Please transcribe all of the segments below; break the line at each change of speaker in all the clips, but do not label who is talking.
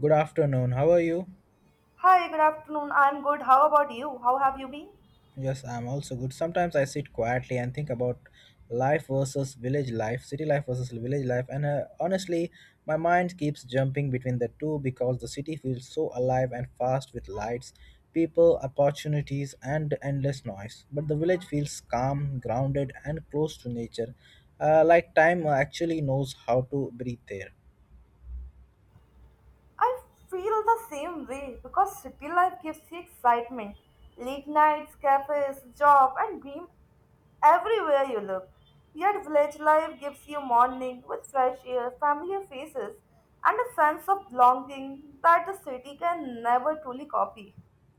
Good afternoon. How are you?
Hi, good afternoon. I'm good. How about you? How have you been?
Yes, I'm also good. Sometimes I sit quietly and think about life versus village life, city life versus village life, and honestly, my mind keeps jumping between the two because the city feels so alive and fast with lights, people, opportunities, and endless noise. But the village feels calm, grounded, and close to nature, like time actually knows how to breathe there.
I feel the same way because city life gives you excitement. Late nights, cafes, job, and dream everywhere you look. Yet village life gives you morning with fresh air, familiar faces, and a sense of belonging that the city can never truly copy.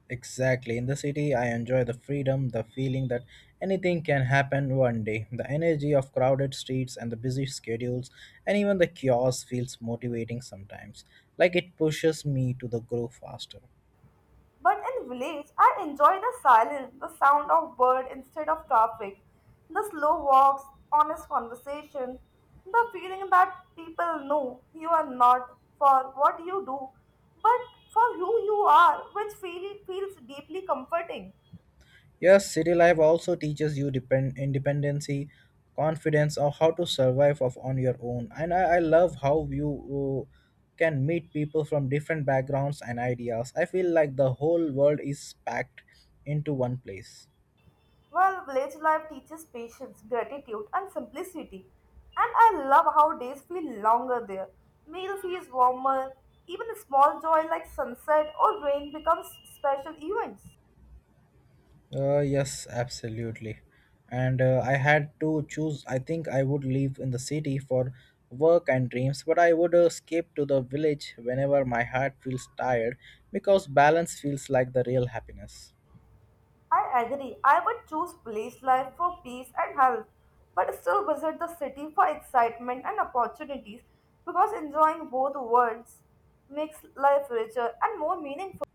Exactly. In the city, I enjoy the freedom, the feeling that anything can happen one day. The energy of crowded streets and the busy schedules, and even the chaos feels motivating sometimes, like it pushes me to the grow faster.
But in village, I enjoy the silence, the sound of bird instead of traffic, the slow walks, honest conversation, the feeling that people know you are not for what you do, but for who you are, which feels deeply comforting.
Yes, city life also teaches you depend independency, confidence, or how to survive of on your own. And I love how you uh, can meet people from different backgrounds and ideas. I feel like the whole world is packed into one place.
Well, village life teaches patience, gratitude, and simplicity. And I love how days feel longer there. Meal feels warmer. Even a small joy like sunset or rain becomes special events.
Yes, absolutely. And I had to choose. I think I would live in the city for work and dreams, but I would escape to the village whenever my heart feels tired because balance feels like the real happiness.
I agree. I would choose place life for peace and health, but still visit the city for excitement and opportunities because enjoying both worlds makes life richer and more meaningful.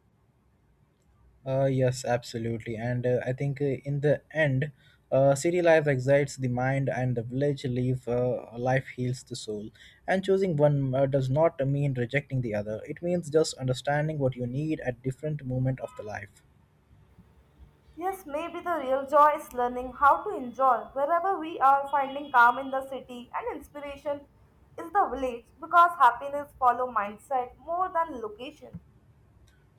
Yes, absolutely. And I think in the end, city life excites the mind and the village life, life heals the soul. And choosing one does not mean rejecting the other. It means just understanding what you need at different moment of the life.
Yes, maybe the real joy is learning how to enjoy wherever we are finding calm in the city and inspiration is the village because happiness follow mindset more than location.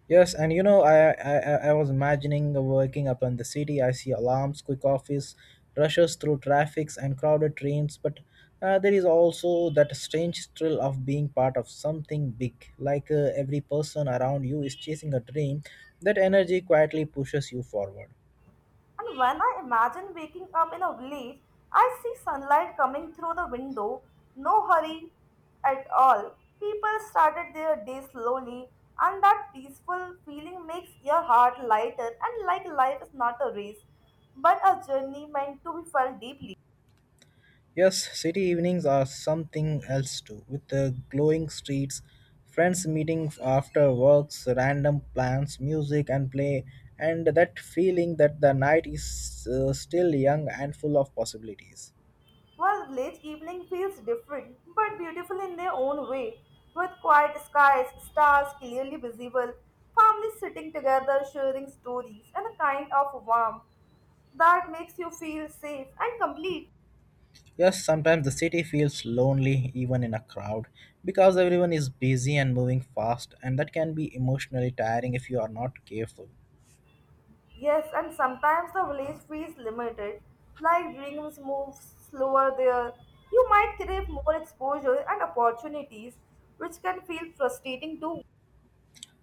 Yes, and you know, I was imagining working up in the city. I see alarms, quick office, rushes through traffics and crowded trains. But there is also that strange thrill of being part of something big. Like every person around you is chasing a dream. That energy quietly pushes you forward.
And when I imagine waking up in a village, I see sunlight coming through the window, no hurry at all. People started their day slowly, and that peaceful feeling makes your heart lighter and like life is not a race, but a journey meant to be felt deeply.
Yes, city evenings are something else too, with the glowing streets, friends meeting after works, random plans, music and play, and that feeling that the night is still young and full of possibilities.
While village evening feels different but beautiful in their own way, with quiet skies, stars clearly visible, families sitting together sharing stories, and a kind of warmth that makes you feel safe and complete.
Yes, sometimes the city feels lonely even in a crowd because everyone is busy and moving fast, and that can be emotionally tiring if you are not careful.
Yes, and sometimes the village feels limited, like dreams move slower there. You might crave more exposure and opportunities, which can feel frustrating too.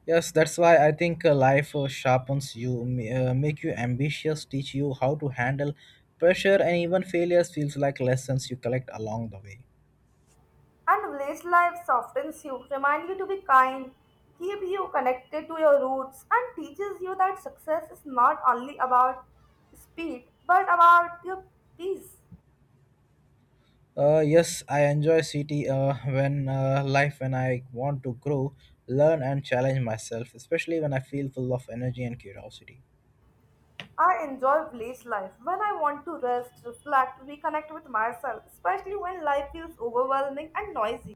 Yes, that's why I think life sharpens you, make you ambitious, teach you how to handle pressure, and even failures feels like lessons you collect along the way.
And village life softens you, reminds you to be kind, keep you connected to your roots, and teaches you that success is not only about speed but about your peace.
Yes, I enjoy city when life when I want to grow, learn, and challenge myself, especially when I feel full of energy and curiosity.
I enjoy village life when I want to rest, reflect, reconnect with myself, especially when life feels overwhelming and noisy.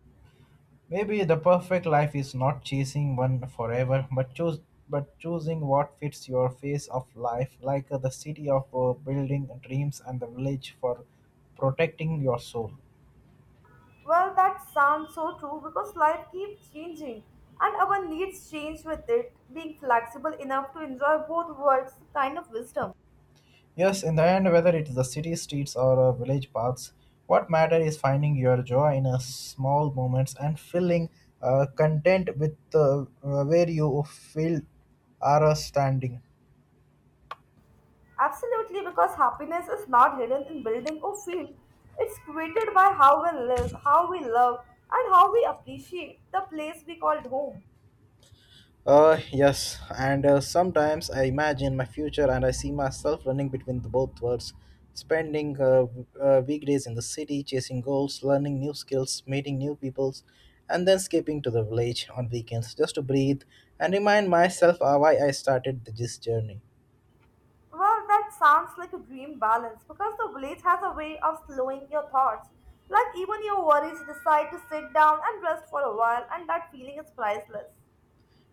Maybe the perfect life is not chasing one forever, but choose but choosing what fits your phase of life, like the city of building dreams and the village for protecting your soul.
Well, that sounds so true because life keeps changing and our needs change with it. Being flexible enough to enjoy both worlds is a kind of wisdom.
Yes, in the end, whether it is the city streets or village paths, what matter is finding your joy in a small moments and feeling content with where you feel are standing.
Absolutely, because happiness is not hidden in building or field. It's created by how we live, how we love, and how we appreciate the place we called home.
Yes, and sometimes I imagine my future and I see myself running between the both worlds, spending weekdays in the city, chasing goals, learning new skills, meeting new peoples, and then escaping to the village on weekends just to breathe and remind myself why I started this journey.
Well, that sounds like a dream balance because the village has a way of slowing your thoughts. Like even your worries decide to sit down and rest for a while, and that feeling is priceless.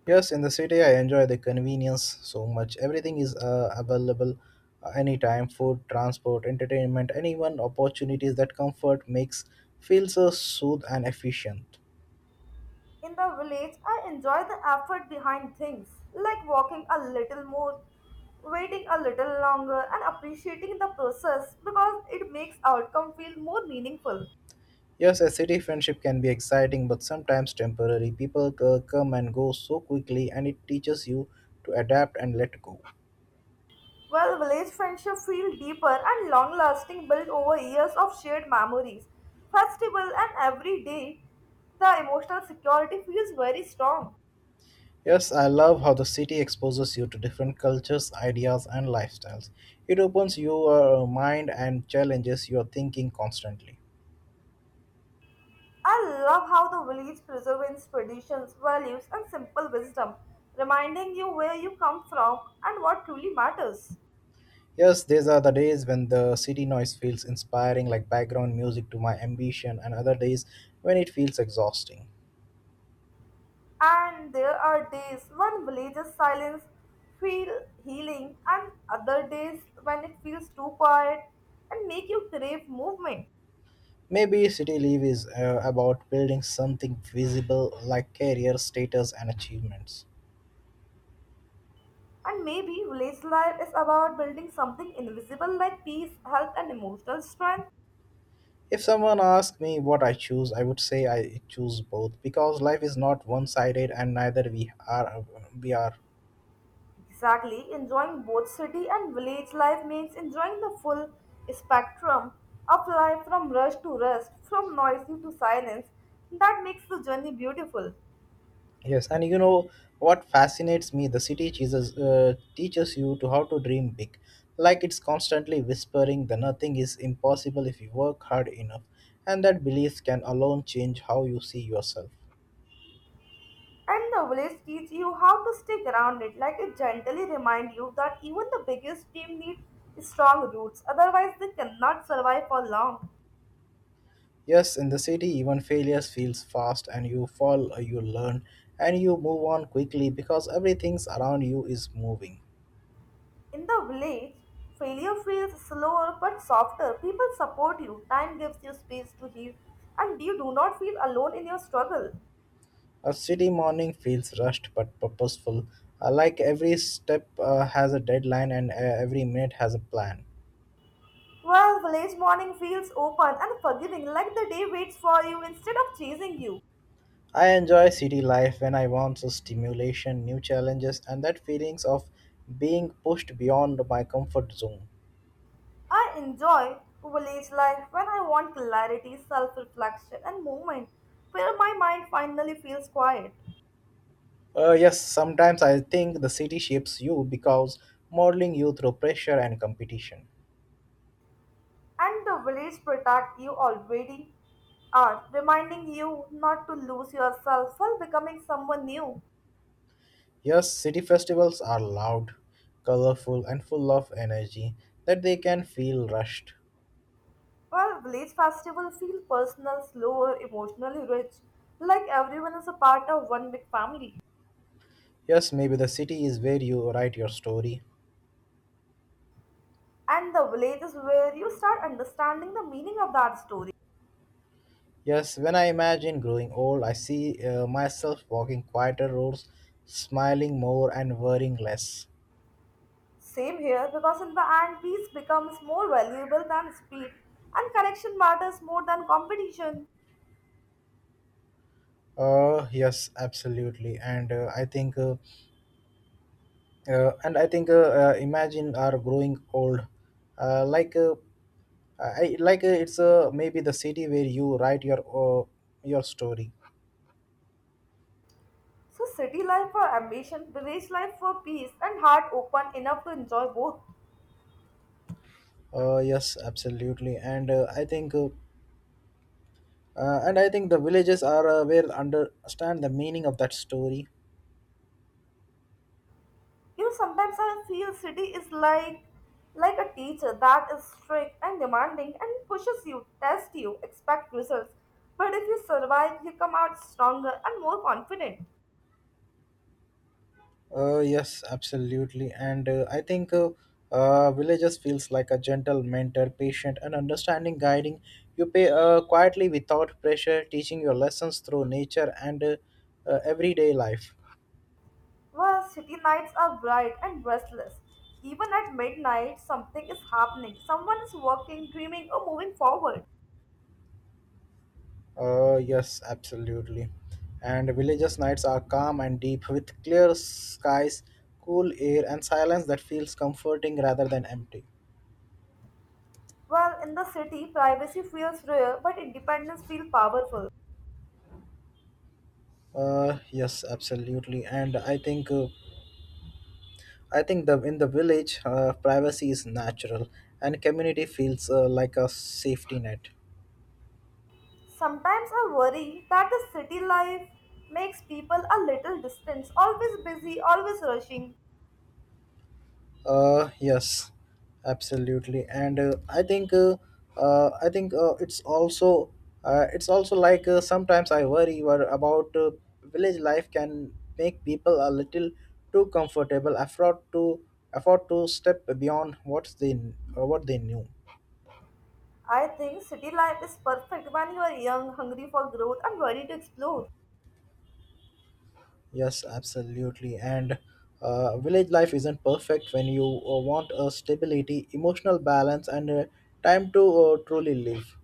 Yes, in the city I enjoy the convenience so much. Everything is available anytime food, transport, entertainment, anyone, opportunities that comfort makes feels so soothed and efficient.
In the village, I enjoy the effort behind things, like walking a little more, waiting a little longer, and appreciating the process because it makes outcome feel more meaningful.
Yes, a city friendship can be exciting but sometimes temporary. Come and go so quickly, and it teaches you to adapt and let go.
While village friendship feel deeper and long-lasting, built over years of shared memories, festival, and every day, the emotional security feels very strong.
Yes, I love how the city exposes you to different cultures, ideas, and lifestyles. It opens your mind and challenges your thinking constantly.
I love how the village preserves traditions, values, and simple wisdom, reminding you where you come from and what truly matters.
Yes, these are the days when the city noise feels inspiring, like background music to my ambition, and other days when it feels exhausting.
And there are days when villages' silence feel healing, and other days when it feels too quiet and make you crave movement.
Maybe City Leave is about building something visible like career, status, and achievements.
And maybe village life is about building something invisible like peace, health, and emotional strength.
If someone asked me what I choose, I would say I choose both because life is not one-sided and neither we are.
Exactly, enjoying both city and village life means enjoying the full spectrum of life from rush to rest, from noisy to silence. That makes the journey beautiful.
Yes, and you know what fascinates me? The city teaches teaches you to how to dream big, like it's constantly whispering that nothing is impossible if you work hard enough, and that belief can alone change how you see yourself.
And the village teach you how to stay grounded, like it gently remind you that even the biggest team need strong roots, otherwise they cannot survive for long.
Yes, in the city, even failures feels fast, and you fall, you learn, and you move on quickly because everything's around you is moving.
In the village, failure feels slower but softer. People support you, time gives you space to heal, and you do not feel alone in your struggle.
A city morning feels rushed but purposeful, like every step has a deadline and every minute has a plan.
Well, village morning feels open and forgiving, like the day waits for you instead of chasing you.
I enjoy city life when I want some stimulation, new challenges, and that feelings of being pushed beyond my comfort zone.
I enjoy village life when I want clarity, self reflection, and movement, where my mind finally feels quiet.
Yes, sometimes I think the city shapes you because modeling you through pressure and competition.
And the village protect you already are, reminding you not to lose yourself while becoming someone new.
Yes, city festivals are loud, colorful, and full of energy that they can feel rushed.
Well, village festivals feel personal, slower, emotionally rich, like everyone is a part of one big family.
Yes, maybe the city is where you write your story.
And the village is where you start understanding the meaning of that story.
Yes, when I imagine growing old, I see myself walking quieter roads, smiling more, and worrying less.
Same here, because in the end, peace becomes more valuable than speed, and connection matters more than competition.
Yes, absolutely, and I think, imagine are growing old, like, I like it's maybe the city where you write your story.
So, city life for ambition, village life for peace, and heart open enough to enjoy both.
Yes, absolutely, and I think the villages are where understand the meaning of that story.
You know, sometimes I feel city is like a teacher that is strict and demanding and pushes you, tests you, expect results. But if you survive, you come out stronger and more confident.
Yes, absolutely, and I think villages feels like a gentle mentor, patient, and understanding, guiding you pay quietly without pressure, teaching your lessons through nature and everyday life.
Well, city nights are bright and restless. Even at midnight, something is happening. Someone is working, dreaming, or moving forward.
Yes, absolutely. And villages' nights are calm and deep with clear skies, cool air, and silence that feels comforting rather than empty.
Well, in the city, privacy feels rare, but independence feels powerful.
Yes, absolutely. And I think the in the village, privacy is natural, and community feels like a safety net.
Sometimes I worry that the city life makes people a little distant, always busy, always rushing.
Yes, absolutely, and I think it's also like sometimes I worry about village life can make people a little too comfortable, afford to step beyond what they knew.
I think city life is perfect when you are young, hungry for growth, and ready to explore.
Yes, absolutely, and village life isn't perfect when you want a stability, emotional balance, and time to truly live.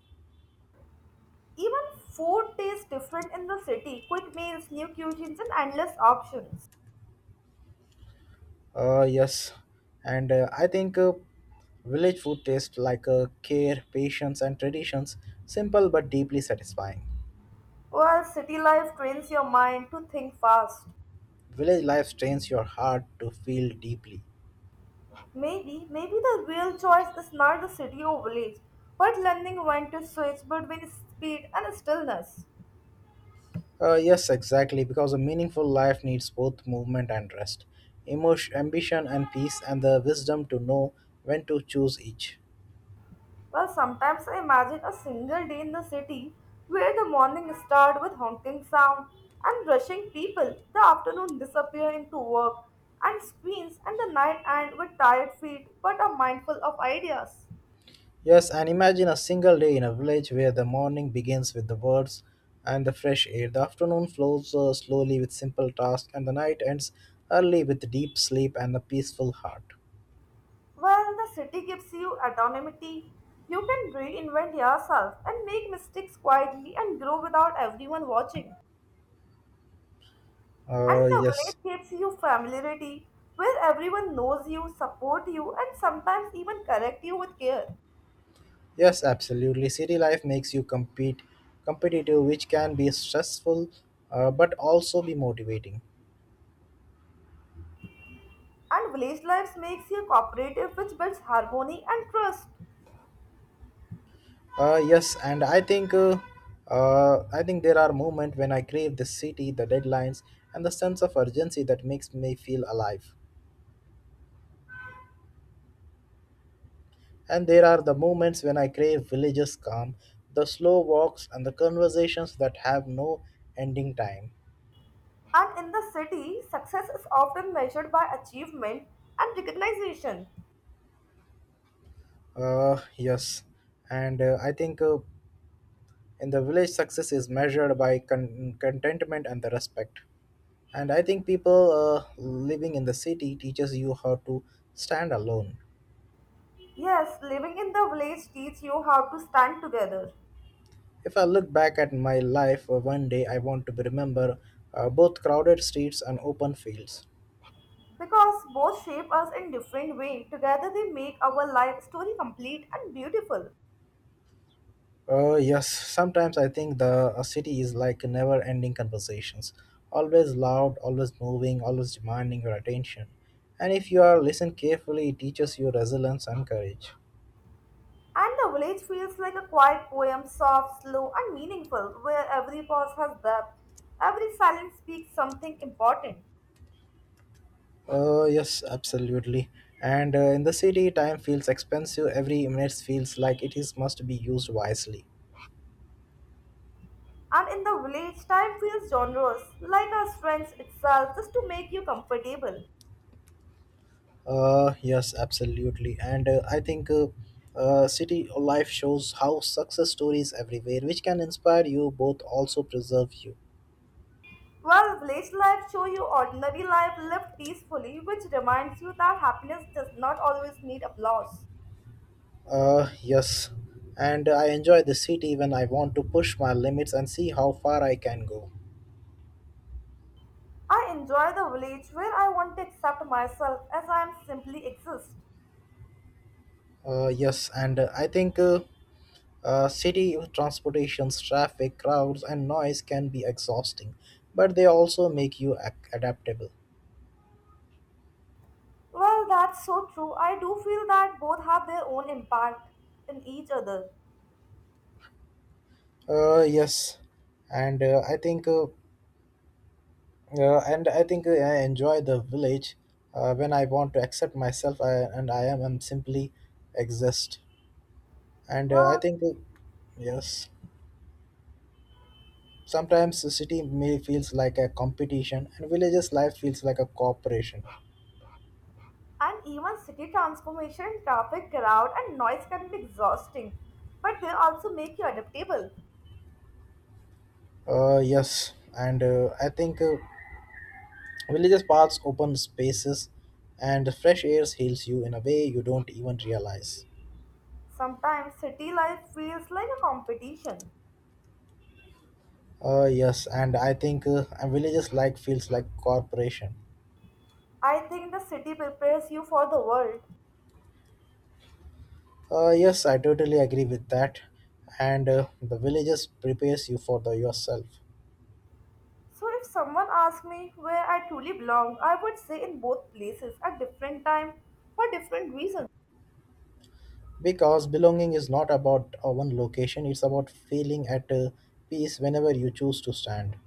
Even food tastes different in the city. Quick meals, new cuisines, and endless options.
Yes, and I think village food tastes like care, patience, and traditions, simple but deeply satisfying.
Well, city life trains your mind to think fast.
Village life strains your heart to feel deeply.
Maybe, the real choice is not the city or village, but learning when to switch between speed and stillness.
Yes, exactly, because a meaningful life needs both movement and rest, emotion, ambition, and peace, and the wisdom to know when to choose each.
Well, sometimes I imagine a single day in the city where the morning starts with honking sound and rushing people, the afternoon disappear into work and screens, and the night end with tired feet but are mindful of ideas.
Yes, and imagine a single day in a village where the morning begins with the birds and the fresh air, the afternoon flows slowly with simple tasks, and the night ends early with deep sleep and a peaceful heart.
Well, the city gives you autonomy. You can reinvent yourself and make mistakes quietly and grow without everyone watching.
Uh,
And the village
yes,
gives you familiarity, where everyone knows you, support you, and sometimes even correct you with care.
yes, absolutely. City life makes you competitive, which can be stressful, but also be motivating.
And village life makes you cooperative, which builds harmony and trust.
Yes, and I think there are moments when I crave the city, the deadlines, and the sense of urgency that makes me feel alive. And there are the moments when I crave villages calm, the slow walks, and the conversations that have no ending time.
And in the city, success is often measured by achievement and recognition.
Yes, and I think in the village, success is measured by contentment and the respect. And I think people living in the city teaches you how to stand alone.
Yes, living in the village teaches you how to stand together.
If I look back at my life one day, I want to remember both crowded streets and open fields.
Because both shape us in different ways, together they make our life story complete and beautiful.
Yes, sometimes I think the a city is like never-ending conversations, always loud, always moving, always demanding your attention. And if you are listen carefully, it teaches you resilience and courage.
And the village feels like a quiet poem, soft, slow, and meaningful, where every pause has depth, every silence speaks something important.
Yes, absolutely. And in the city, time feels expensive. Every minute feels like it is must be used wisely.
And in the village, time feels generous, like a strength itself, just to make you comfortable.
Yes, absolutely. And I think city life shows how success stories everywhere, which can inspire you both also preserve you.
While village life show you ordinary life lived peacefully, which reminds you that happiness does not always need applause.
Yes, and I enjoy the city when I want to push my limits and see how far I can go.
I enjoy the village where I want to accept myself as I am simply exist.
Yes, and I think city transportation's traffic, crowds, and noise can be exhausting, but they also make you adaptable.
Well, that's so true. I do feel that both have their own impact in each other.
Yes, and I think I enjoy the village when I want to accept myself I am and simply exist. And I
Well,
think yes. Sometimes the city may feels like a competition, and villages' life feels like a cooperation.
and even city transformation, traffic, crowd, and noise can be exhausting, but they also make you adaptable.
Yes, and I think villages' paths open spaces, and fresh air heals you in a way you don't even realize.
Sometimes city life feels like a competition.
Yes, and I think a villages' life feels like corporation.
I think the city prepares you for the world,
Yes, I totally agree with that, and the villages prepares you for the yourself.
so, if someone asked me where I truly belong, I would say in both places at different time for different reasons.
Because belonging is not about one location, it's about feeling at peace whenever you choose to stand.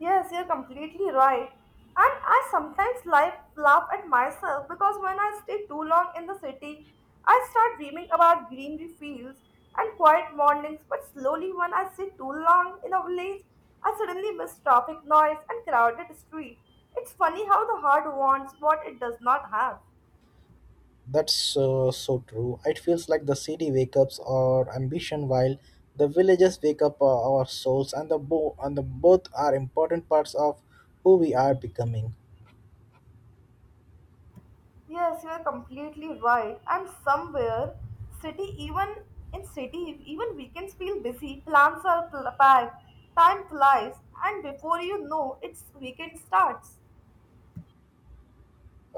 Yes, you're completely right. And I sometimes like laugh at myself because when I stay too long in the city, I start dreaming about greenery fields and quiet mornings. But slowly, when I stay too long in a village, I suddenly miss traffic noise and crowded street. It's funny how the heart wants what it does not have.
That's so true. It feels like the city wakes up our ambition while the villages wake up our souls and the both are important parts of who we are becoming.
Yes, you are completely right. And somewhere, city even in city, even weekends feel busy. Plans are packed, time flies, and before you know, it's weekend starts.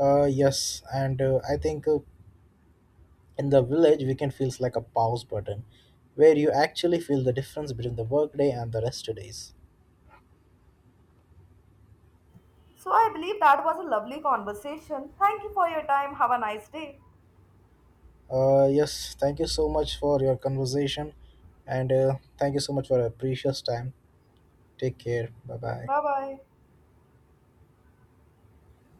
Yes, and I think in the village weekend feels like a pause button where you actually feel the difference between the workday and the rest days.
So I believe that was a lovely conversation. Thank you for your time. Have a nice day.
Yes, thank you so much for your conversation and thank you so much for your precious time. Take care. Bye bye.
Bye bye.